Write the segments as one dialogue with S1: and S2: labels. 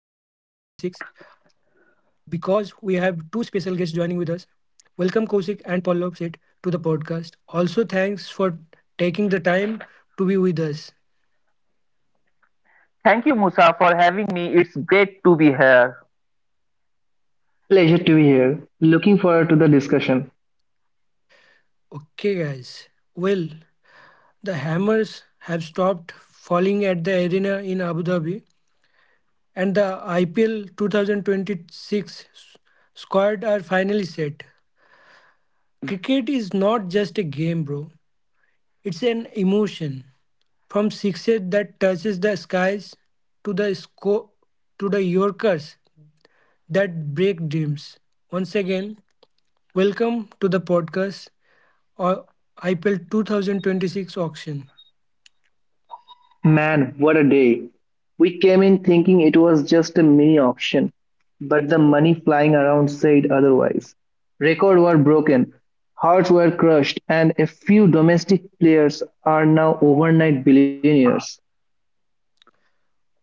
S1: because we have two special guests joining with us. Welcome Kosik and Pallav Seth to the podcast. Also, thanks for taking the time to be with us.
S2: Thank you, Musa, for having me. It's great to be here.
S3: Pleasure to be here. Looking forward to the discussion.
S1: Okay, guys. Well, the Hammers have stopped falling at the arena in Abu Dhabi, and the IPL 2026 squad are finally set. Cricket is not just a game, bro. It's an emotion. From sixes that touches the skies to the sco- to the Yorkers that break dreams. Once again, welcome to the podcast or IPL 2026 auction.
S3: Man, what a day. We came in thinking it was just a mini auction, but the money flying around said otherwise. Records were broken, hearts were crushed, and a few domestic players are now overnight billionaires.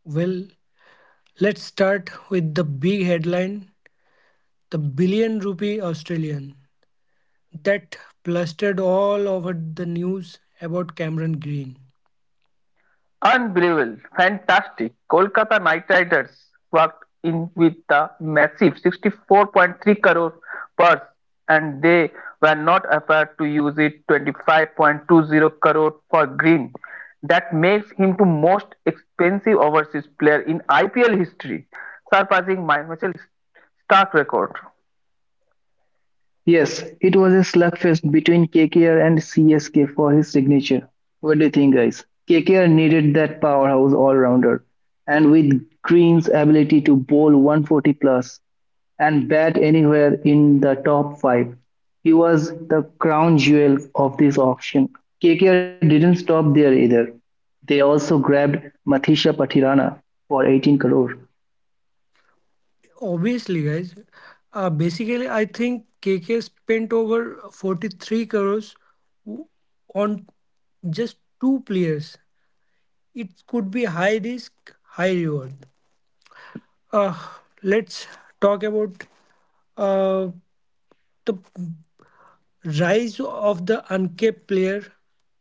S1: Well, let's start with the big headline, the billion rupee Australian that plastered all over the news about Cameron Green.
S2: Unbelievable, fantastic. Kolkata Knight Riders walked in with the massive 64.3 crore purse, and they were not afraid to use it. 25.20 crore for Green. That makes him the most expensive overseas player in IPL history, surpassing my Michael Stark record.
S3: Yes, it was a slugfest between KKR and CSK for his signature. What do you think, guys? KKR needed that powerhouse all rounder, and with Green's ability to bowl 140 plus and bat anywhere in the top five, he was the crown jewel of this auction. KKR didn't stop there either. They also grabbed Mathisha Patirana for 18 crore.
S1: Obviously, guys. Basically, I think K K spent over 43 crores w- on just two players. It could be high risk, high reward. Uh, let's talk about uh, the rise of the uncapped player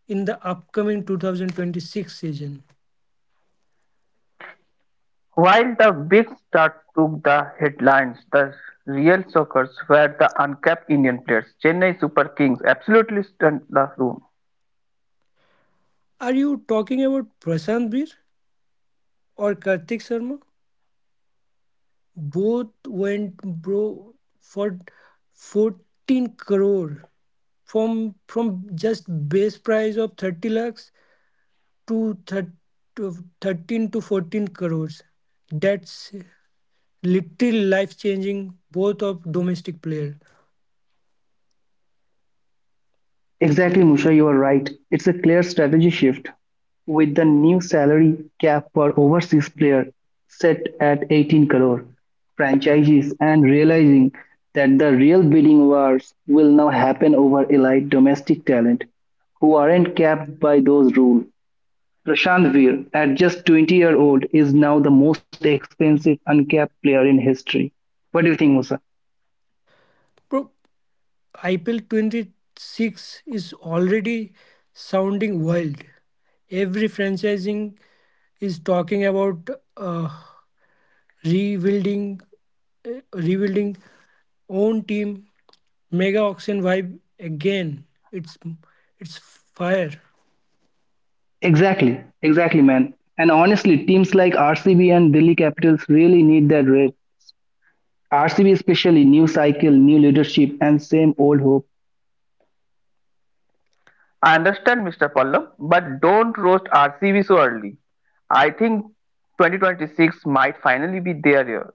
S1: in the upcoming 2026 season.
S2: While the Big Star took the headlines, the real shockers were the uncapped Indian players. Chennai Super Kings absolutely stunned the room.
S1: Are you talking about Prashant Bir or Kartik Sharma? Both went bro for 14 crore from just base price of 30 lakhs to thir- to 13 to 14 crores. That's literally life changing both of domestic player.
S3: Exactly, Musha, you are right. It's a clear strategy shift with the new salary cap for overseas player set at 18 crore. Franchises and realizing that the real bidding wars will now happen over elite domestic talent who aren't capped by those rules. Prashant Veer, at just 20-year-old, is now the most expensive uncapped player in history. What do you think, Musa?
S1: Bro, IPL 26 is already sounding wild. Every franchising is talking about uh, rebuilding rebuilding own team, mega auction vibe again. It's it's fire.
S3: Exactly, exactly, man. And honestly, teams like RCB and Delhi Capitals really need that rep. RCB especially, new cycle, new leadership, and same old hope.
S2: I understand, Mr. Pallam, but don't roast RCB so early. I think 2026 might finally be their year.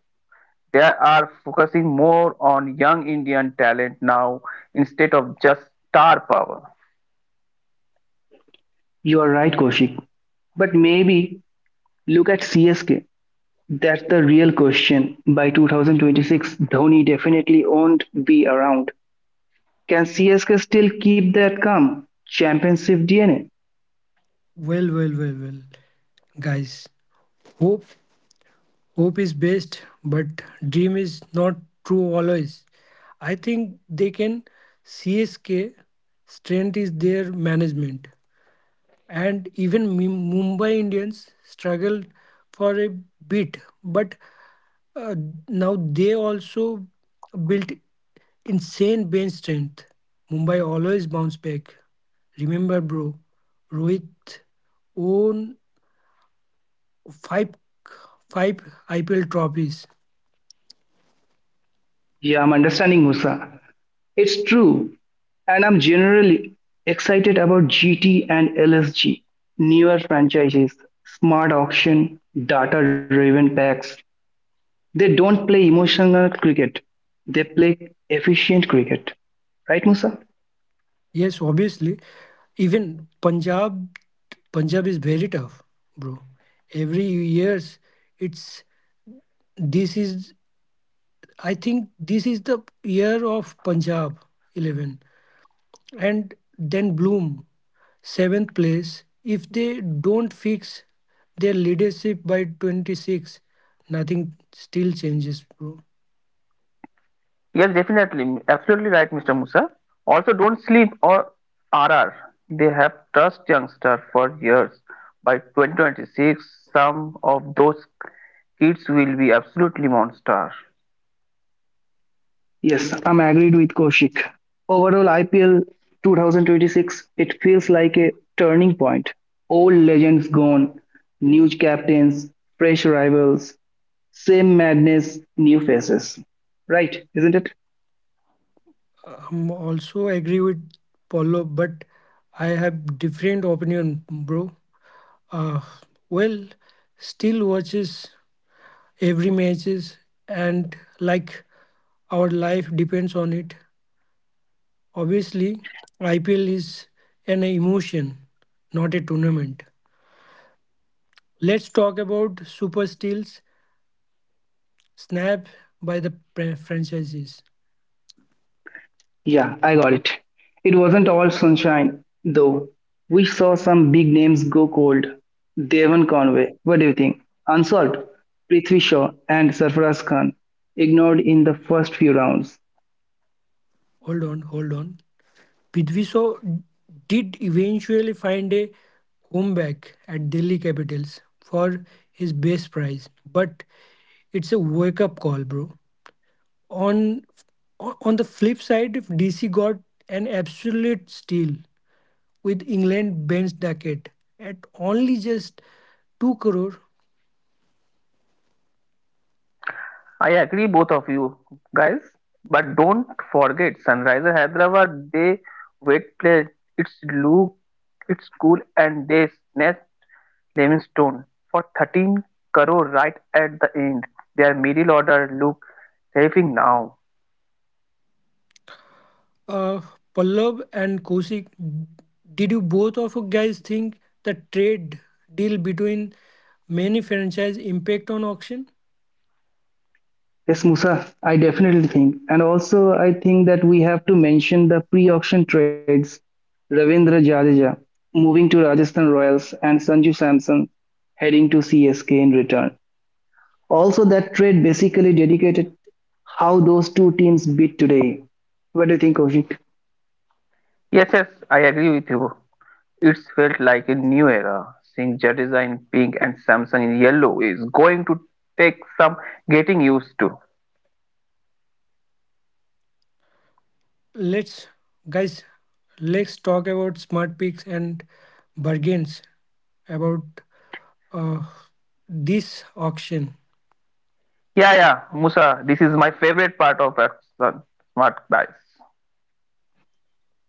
S2: They are focusing more on young Indian talent now instead of just star power.
S3: You are right, Kaushik. But maybe look at CSK. That's the real question. By 2026, Dhoni definitely won't be around. Can CSK still keep that calm championship DNA?
S1: Well, guys, hope hope is best but dream is not true always. I think they can. CSK strength is their management, and even Mumbai Indians struggled for a bit, but uh, now they also built insane bench strength. Mumbai always bounce back. Remember, bro, Rohit won five five IPL trophies.
S3: Yeah, I'm understanding, Musa. It's true. And I'm generally excited about GT and LSG, newer franchises, smart auction, data driven packs. They don't play emotional cricket, they play efficient cricket. Right, Musa?
S1: Yes, obviously, even Punjab is very tough, bro. Every years, it's this is I think this is the year of Punjab 11 and then Bloom 7th place. If they don't fix their leadership by 26, nothing still changes, bro.
S2: Yes, definitely. Absolutely right, Mr. Musa. Also, don't sleep or RR. They have trust youngster for years. By 2026, some of those kids will be absolutely monster.
S3: Yes, I'm agreed with Kaushik. Overall, IPL 2026, it feels like a turning point. Old legends gone, new captains, fresh rivals, same madness, new faces. Right, isn't it?
S1: I'm also agree with Paulo, but I have different opinion, bro. Uh, well, still watches every matches and like our life depends on it. Obviously, IPL is an emotion, not a tournament. Let's talk about super steals snapped by the franchises.
S3: Yeah, I got it. It wasn't all sunshine, though. We saw some big names go cold. Devon Conway, what do you think? Unsolved, Prithvi Shaw and Sarfaraz Khan, ignored in the first few rounds.
S1: Hold on, hold on. Pidviso did eventually find a comeback at Delhi Capitals for his base prize, but it's a wake up call, bro. On on the flip side, if DC got an absolute steal with England Ben's Duckett at only just 2 crore.
S2: I agree, both of you guys. But don't forget, Sunriser Hyderabad. They wet play. It's look, it's cool, and they snatch Livingstone for 13 crore right at the end. Their middle order look terrifying now.
S1: uh, Pallab and Kosik, did you both of you guys think the trade deal between many franchise impact on auction?
S3: Yes, Musa, I definitely think. And also, I think that we have to mention the pre auction trades Ravindra Jadeja moving to Rajasthan Royals and Sanju Samson heading to CSK in return. Also, that trade basically dedicated how those two teams beat today. What do you think, Koshik?
S2: Yes, yes, I agree with you. It's felt like a new era. Seeing Jadeja in pink and Samsung in yellow is going to take some getting used to.
S1: Let's guys, let's talk about smart picks and bargains about uh, this auction.
S2: Yeah, yeah, Musa, this is my favorite part of Axon Smart Buys.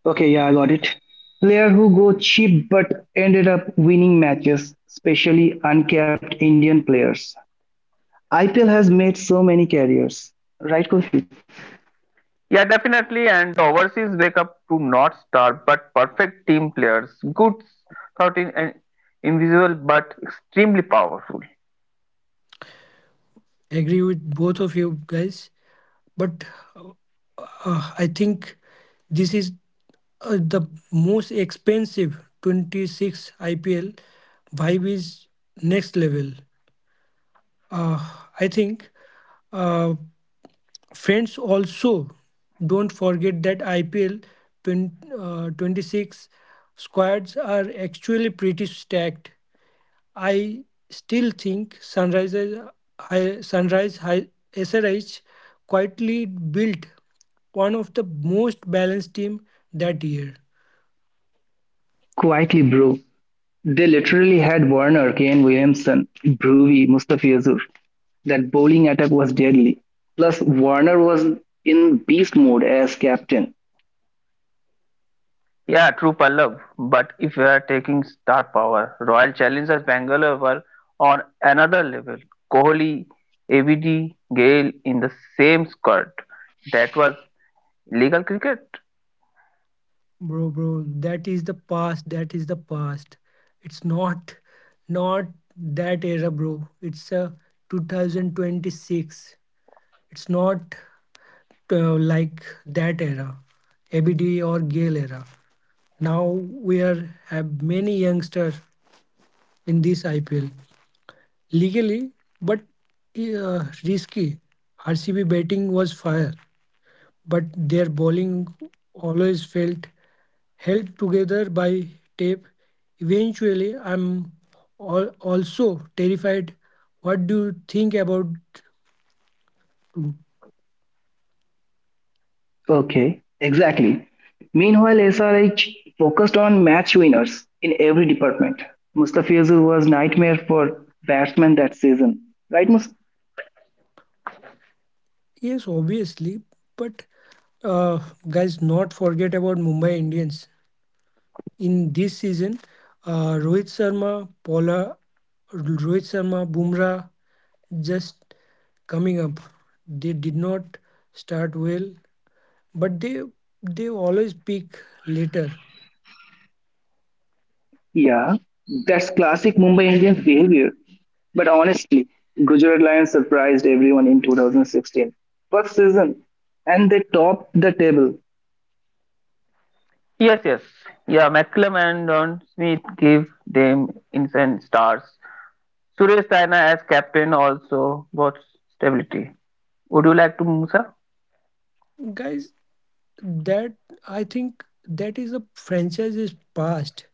S3: Okay, yeah, I got it. Player who go cheap but ended up winning matches, especially uncapped Indian players. IPL has made so many carriers, right, Koshik?
S2: Yeah, definitely. And the overseas wake up to not star but perfect team players. Good, 13 and invisible but extremely powerful.
S1: Agree with both of you guys, but uh, I think this is the most expensive 26 IPL. Vibe is next level. Uh, I think uh, friends also don't forget that IPL 20, 26 squads are actually pretty stacked. I still think Sunrises, Hi- Sunrise Hi- SRH quietly built one of the most balanced team that year.
S3: Quietly, bro. They literally had Warner, Kane Williamson, Brewy, Mustafizur. That bowling attack was deadly. Plus, Warner was in beast mode as captain.
S2: Yeah, true Pallav. But if we are taking star power, Royal Challengers Bangalore were on another level. Kohli, ABD, Gale in the same squad. That was legal cricket.
S1: Bro, bro, that is the past. That is the past. It's not that era, bro. It's a 2026. It's not like that era, ABD or Gale era. Now we are have many youngsters in this IPL, legally but risky. RCB batting was fire, but their bowling always felt held together by tape. Eventually, I'm also terrified. What do you think about? Two?
S3: Okay, exactly. Meanwhile, SRH focused on match winners in every department. Mustafizur was nightmare for batsmen that season. Right, Mus?
S1: Yes, obviously, but uh, guys, not forget about Mumbai Indians in this season. Uh, Rohit Sharma, Paula, Rohit Sharma, Bumrah, just coming up. They did not start well, but they always peak later.
S3: Yeah, that's classic Mumbai Indians behavior. But honestly, Gujarat Lions surprised everyone in 2016. First season, and they topped the table.
S2: Yes, yes. Yeah, McCallum and Don Smith gave them instant stars. Suresh Raina as captain also brought stability. Would you like to, Musa?
S1: Guys, that I think that is a franchise's past.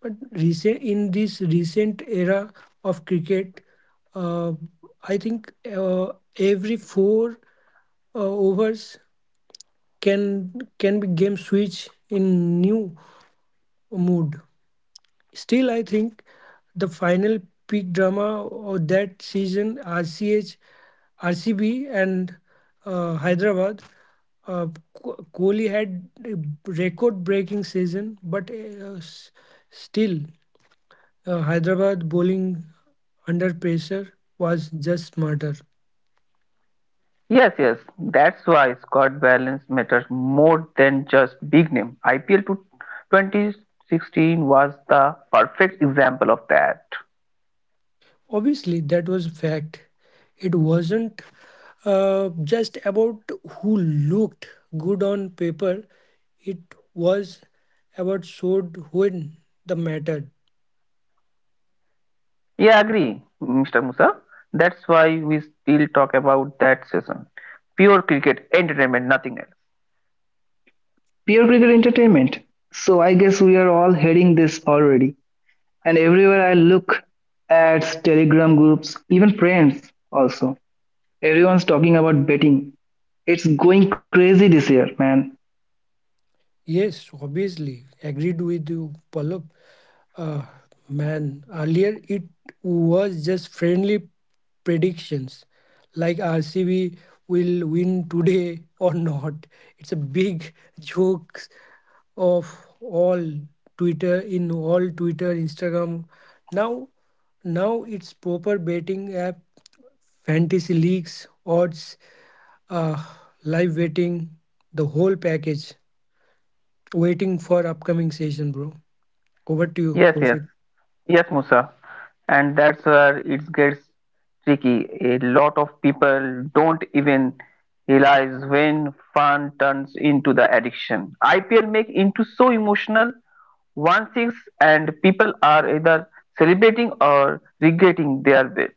S1: But recent in this recent era of cricket, uh, I think every four overs can can be game switch in new mood. Still, I think the final peak drama of that season, RCB and Hyderabad. Uh, Kohli had a record-breaking season, but still, Hyderabad bowling under pressure was just smarter.
S2: Yes, yes. That's why squad balance matters more than just big name. IPL to 2016 was the perfect example of that.
S1: Obviously, that was fact. It wasn't just about who looked good on paper. It was about showed when the matter.
S2: Yeah, agree, Mr. Musa. That's why we still talk about that season. Pure cricket entertainment, nothing else.
S3: Pure cricket entertainment. So I guess we are all heading this already. And everywhere I look, ads, telegram groups, even friends also. Everyone's talking about betting. It's going crazy this year, man.
S1: Yes, obviously. Agreed with you, Pallab. Uh, man, earlier it was just friendly predictions like RCB will win today or not. It's a big joke of all in all Twitter, Instagram. Now, now it's proper betting app, fantasy leagues, odds, uh, live betting, the whole package. Waiting for upcoming session, bro. Over to you,
S2: Yes, yes.
S1: Kosit.
S2: Yes, Musa, and that's where it gets tricky. A lot of people don't even realize when fun turns into the addiction. IPL make into so emotional one six, and people are either celebrating or regretting their bet.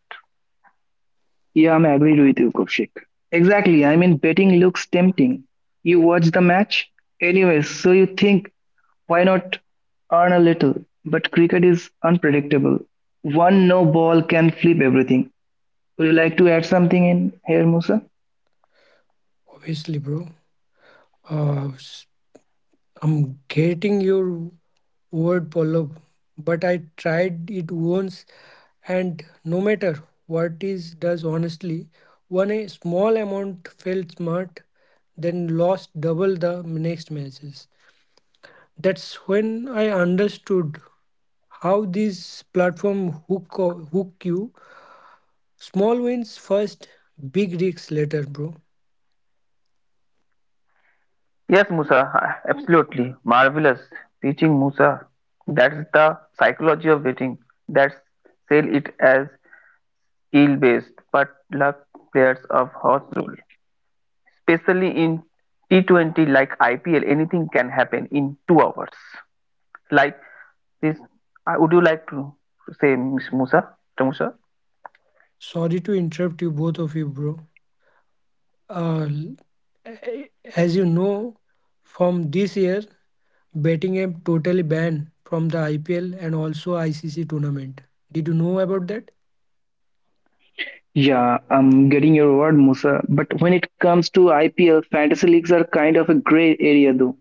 S3: Yeah, I'm agreed with you, Kaushik. Exactly. I mean, betting looks tempting. You watch the match anyways, so you think, why not earn a little? But cricket is unpredictable. One no ball can flip everything. Would you like to add something in here, Musa?
S1: Obviously, bro. Uh, s- I'm getting your word, Pallab, but I tried it once, and no matter what is does honestly, one a small amount felt smart, then lost double the next matches. That's when I understood how these platform hook hook you. Small wins first, big risks later, bro.
S2: Yes, Musa, absolutely marvelous teaching, Musa. That's the psychology of betting. That's sell it as skill based, but luck players of horse rule, especially in T20 like IPL, anything can happen in 2 hours. Like this, would you like to say, Ms. Musa, Mr. Musa?
S1: Sorry to interrupt you, both of you, bro. Uh, as you know, from this year, Bettingham totally banned from the IPL and also ICC tournament. Did you know about that?
S3: Yeah, I'm getting your word, Musa. But when it comes to IPL, fantasy leagues are kind of a gray area, though.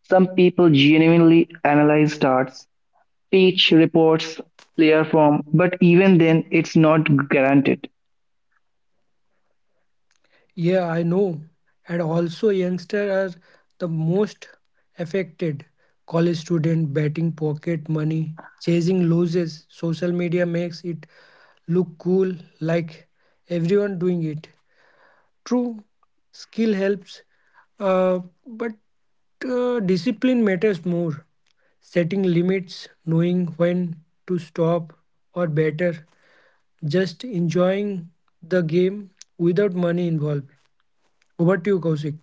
S3: Some people genuinely analyze starts. Teach reports player form, but even then, it's not guaranteed.
S1: Yeah, I know. And also, youngsters are the most affected. College student betting pocket money, chasing losses. Social media makes it look cool, like everyone doing it. True, skill helps, uh, but discipline matters more. Setting limits, knowing when to stop, or better, just enjoying the game without money involved. Over to you, Kaushik.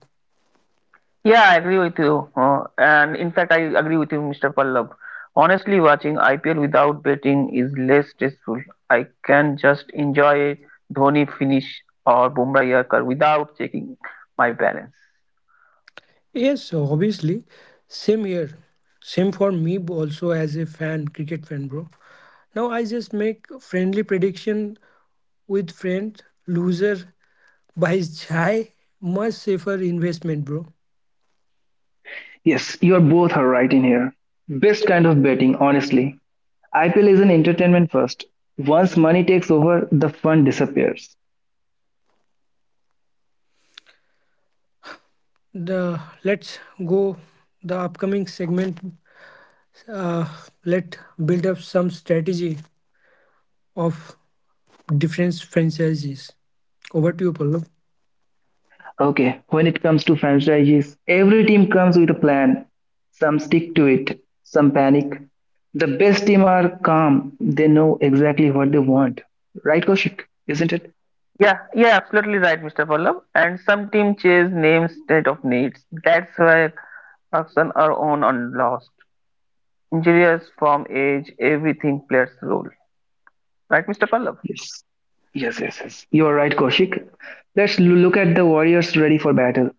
S2: Yeah, I agree with you. And in fact, I agree with you, Mr. Pallab. Honestly, watching IPL without betting is less stressful. I can just enjoy a Dhoni finish or Bumrah Yarkar without checking my balance.
S1: Yes, obviously. Same here. Same for me also as a fan, cricket fan, bro. Now I just make friendly prediction with friend. Loser buys chai. Much safer investment, bro.
S3: Yes, you're both are right in here. Best kind of betting, honestly. IPL is an entertainment first. Once money takes over, the fun disappears.
S1: The let's go the upcoming segment. Uh, let build up some strategy of different franchises. Over to you, Pallav.
S3: Okay, when it comes to franchises, every team comes with a plan. Some stick to it, some panic. The best team are calm, they know exactly what they want. Right, Kaushik? Isn't it?
S2: Yeah, yeah, absolutely right, Mr. Pallab. And some team chase names instead of needs. That's why Actions are won and lost. Injuries, from age, everything plays a role. Right, Mr. Pallav?
S3: Yes. Yes, yes, yes. You are right, Kaushik. Let's look at the Warriors ready for battle.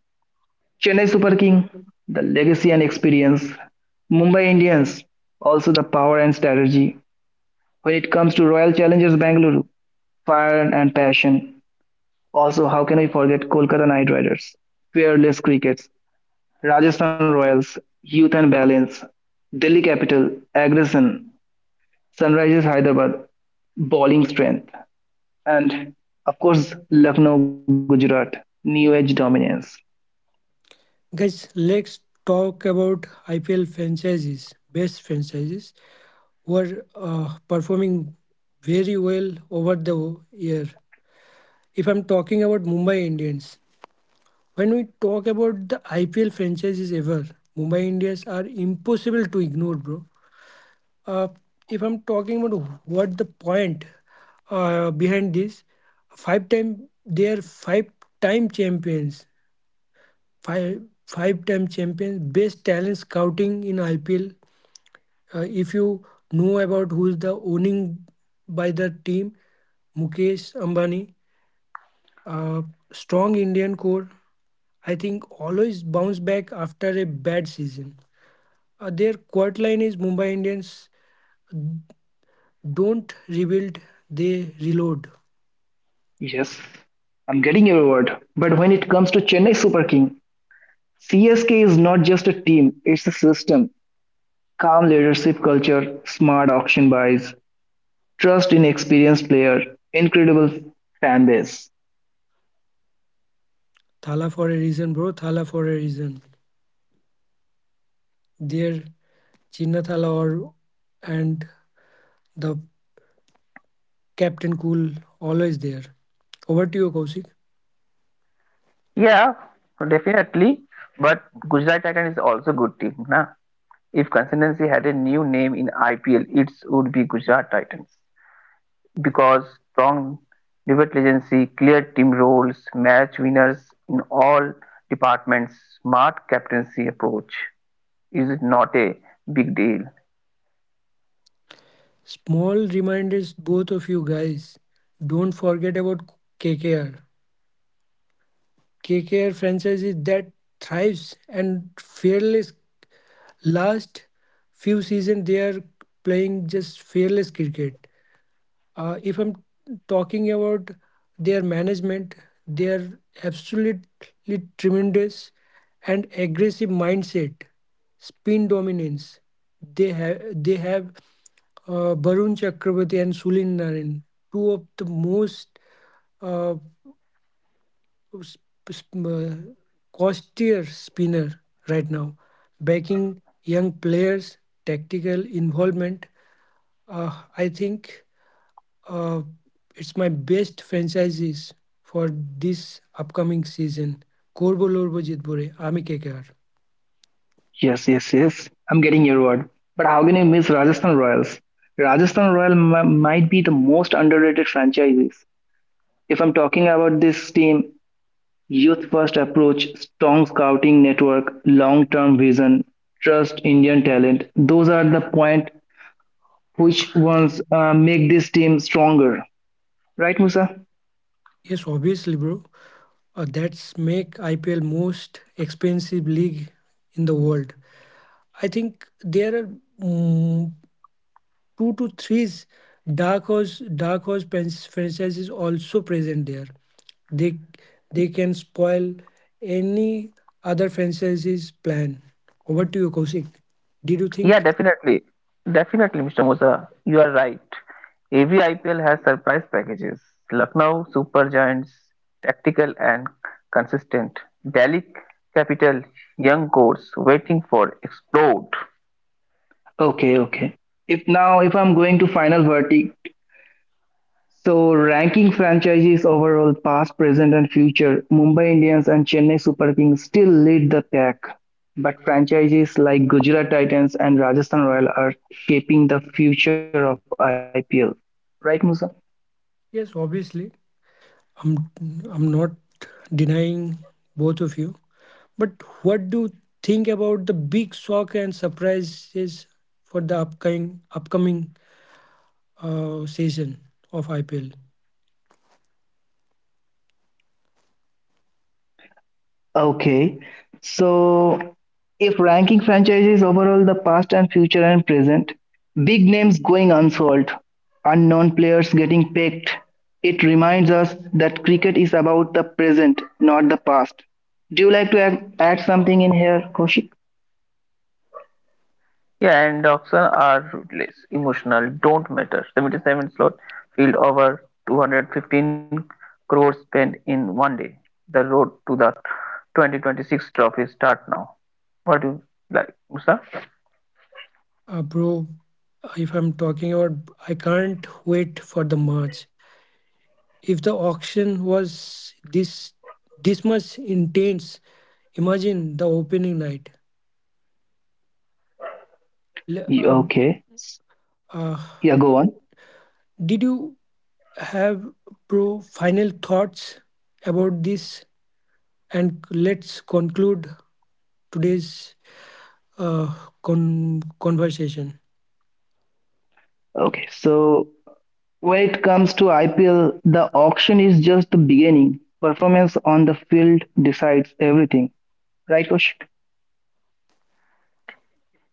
S3: Chennai Super King, the legacy and experience. Mumbai Indians, also the power and strategy. When it comes to Royal Challengers Bangalore, fire and passion. Also, how can we forget Kolkata Knight Riders, fearless crickets, Rajasthan Royals, youth and balance, Delhi Capital, aggression, Sunrisers Hyderabad, bowling strength, and of course Lucknow, Gujarat, new age dominance.
S1: Guys, let's talk about IPL franchises, best franchises were performing very well over the year. If I'm talking about Mumbai Indians, when we talk about the IPL franchises ever, Mumbai Indians are impossible to ignore, bro. Uh, if I'm talking about what the point behind this, five time they are five time champions, five time champions, best talent scouting in IPL. If you know about who is the owning by the team, Mukesh Ambani, uh, strong Indian core. I think always bounce back after a bad season. Their quote line is Mumbai Indians don't rebuild, they reload.
S3: Yes, I'm getting your word. But when it comes to Chennai Super King, CSK is not just a team, it's a system. Calm leadership culture, smart auction buys, trust in experienced player, incredible fan base.
S1: Thala for a reason, bro. Thala for a reason. Their Chinna Thala or and the Captain Cool, always there. Over to you, Kaushik.
S2: Yeah, definitely. But Gujarat Titan is also a good team. Na? If consistency had a new name in IPL, it would be Gujarat Titans. Because strong debate legacy, clear team roles, match winners in all departments, smart captaincy approach is not a big deal.
S1: Small reminders, both of you guys. Don't forget about KKR. KKR franchise is that thrives and fearless. Last few seasons, they are playing just fearless cricket. If I'm talking about their management, their absolutely tremendous and aggressive mindset, spin dominance. They have Barun Chakraborty and Sulin Narain, two of the most uh, sp- sp- uh, costlier spinner right now, backing young players, tactical involvement. I think uh, it's my best franchises for this upcoming season. Korbo Lorbo Jitbore, Ami KKR.
S3: Yes, yes, yes. I'm getting your word. But how can you miss Rajasthan Royals? Rajasthan Royal might be the most underrated franchises. If I'm talking about this team, youth first approach, strong scouting network, long term vision, trust Indian talent. Those are the point which ones make this team stronger. Right, Musa?
S1: Yes, obviously, bro. That's make IPL most expensive league in the world. I think there are mm, two to three dark horse franchises also present there. They they can spoil any other franchise's plan. Over to you, Kosik. Did you
S2: Yeah,
S1: think?
S2: definitely. Definitely, Mr. Musa, you are right. AV IPL has surprise packages. Lucknow Super Giants, tactical and consistent. Delhi Capital, young course, waiting for explode.
S3: Okay, okay. If now, if I'm going to final verdict, so ranking franchises overall, past, present, and future, Mumbai Indians and Chennai Super Kings still lead the pack. But franchises like Gujarat Titans and Rajasthan Royal are shaping the future of IPL. Right, Musa?
S1: Yes, obviously. I'm I'm not denying both of you. But what do you think about the big shock and surprises for the upcoming season of IPL?
S3: Okay, so if ranking franchises overall the past and future and present, big names going unsold, unknown players getting picked, it reminds us that cricket is about the present, not the past. Do you like to add something in here, Kaushik?
S2: Yeah, and auction are ruthless, emotional, don't matter. 77 slot field over 215 crores spent in one day. The road to the 2026 trophy start now. What do you like, Musa?
S1: Bro, if I'm talking about I can't wait for the March. If the auction was this much intense, imagine the opening night.
S3: Y-
S1: Le-
S3: Okay,
S1: Uh, uh,
S3: yeah, go on.
S1: Did you have pro final thoughts about this? And let's conclude today's uh, conversation.
S3: Okay, so when it comes to IPL, the auction is just the beginning. Performance on the field decides everything, right, Kaushik?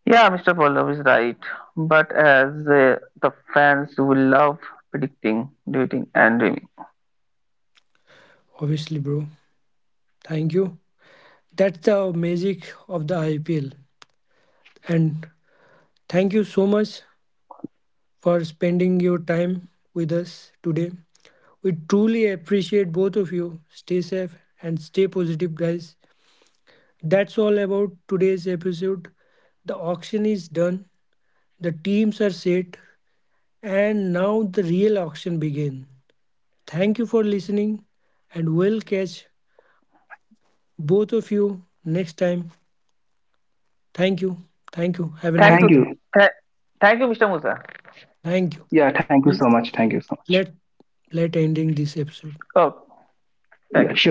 S2: Yeah, Mr. Pallav is right. But as the fans will love predicting, dating, and dreaming.
S1: Obviously, bro. Thank you. That's the magic of the IPL. And thank you so much for spending your time with us today. We truly appreciate both of you. Stay safe and stay positive, guys. That's all about today's episode. The auction is done. The teams are set, and now the real auction begins. Thank you for listening, and we'll catch both of you next time. Thank you. Thank you. Have a
S2: Thank
S1: nice
S3: Thank
S2: you.
S1: day.
S3: you.
S2: Th- thank you, Mr. Musa.
S1: Thank you.
S3: Yeah, thank you so much. Thank you so much.
S1: Let let ending this episode.
S2: Oh,
S3: Yeah,
S2: thank you.
S3: sure.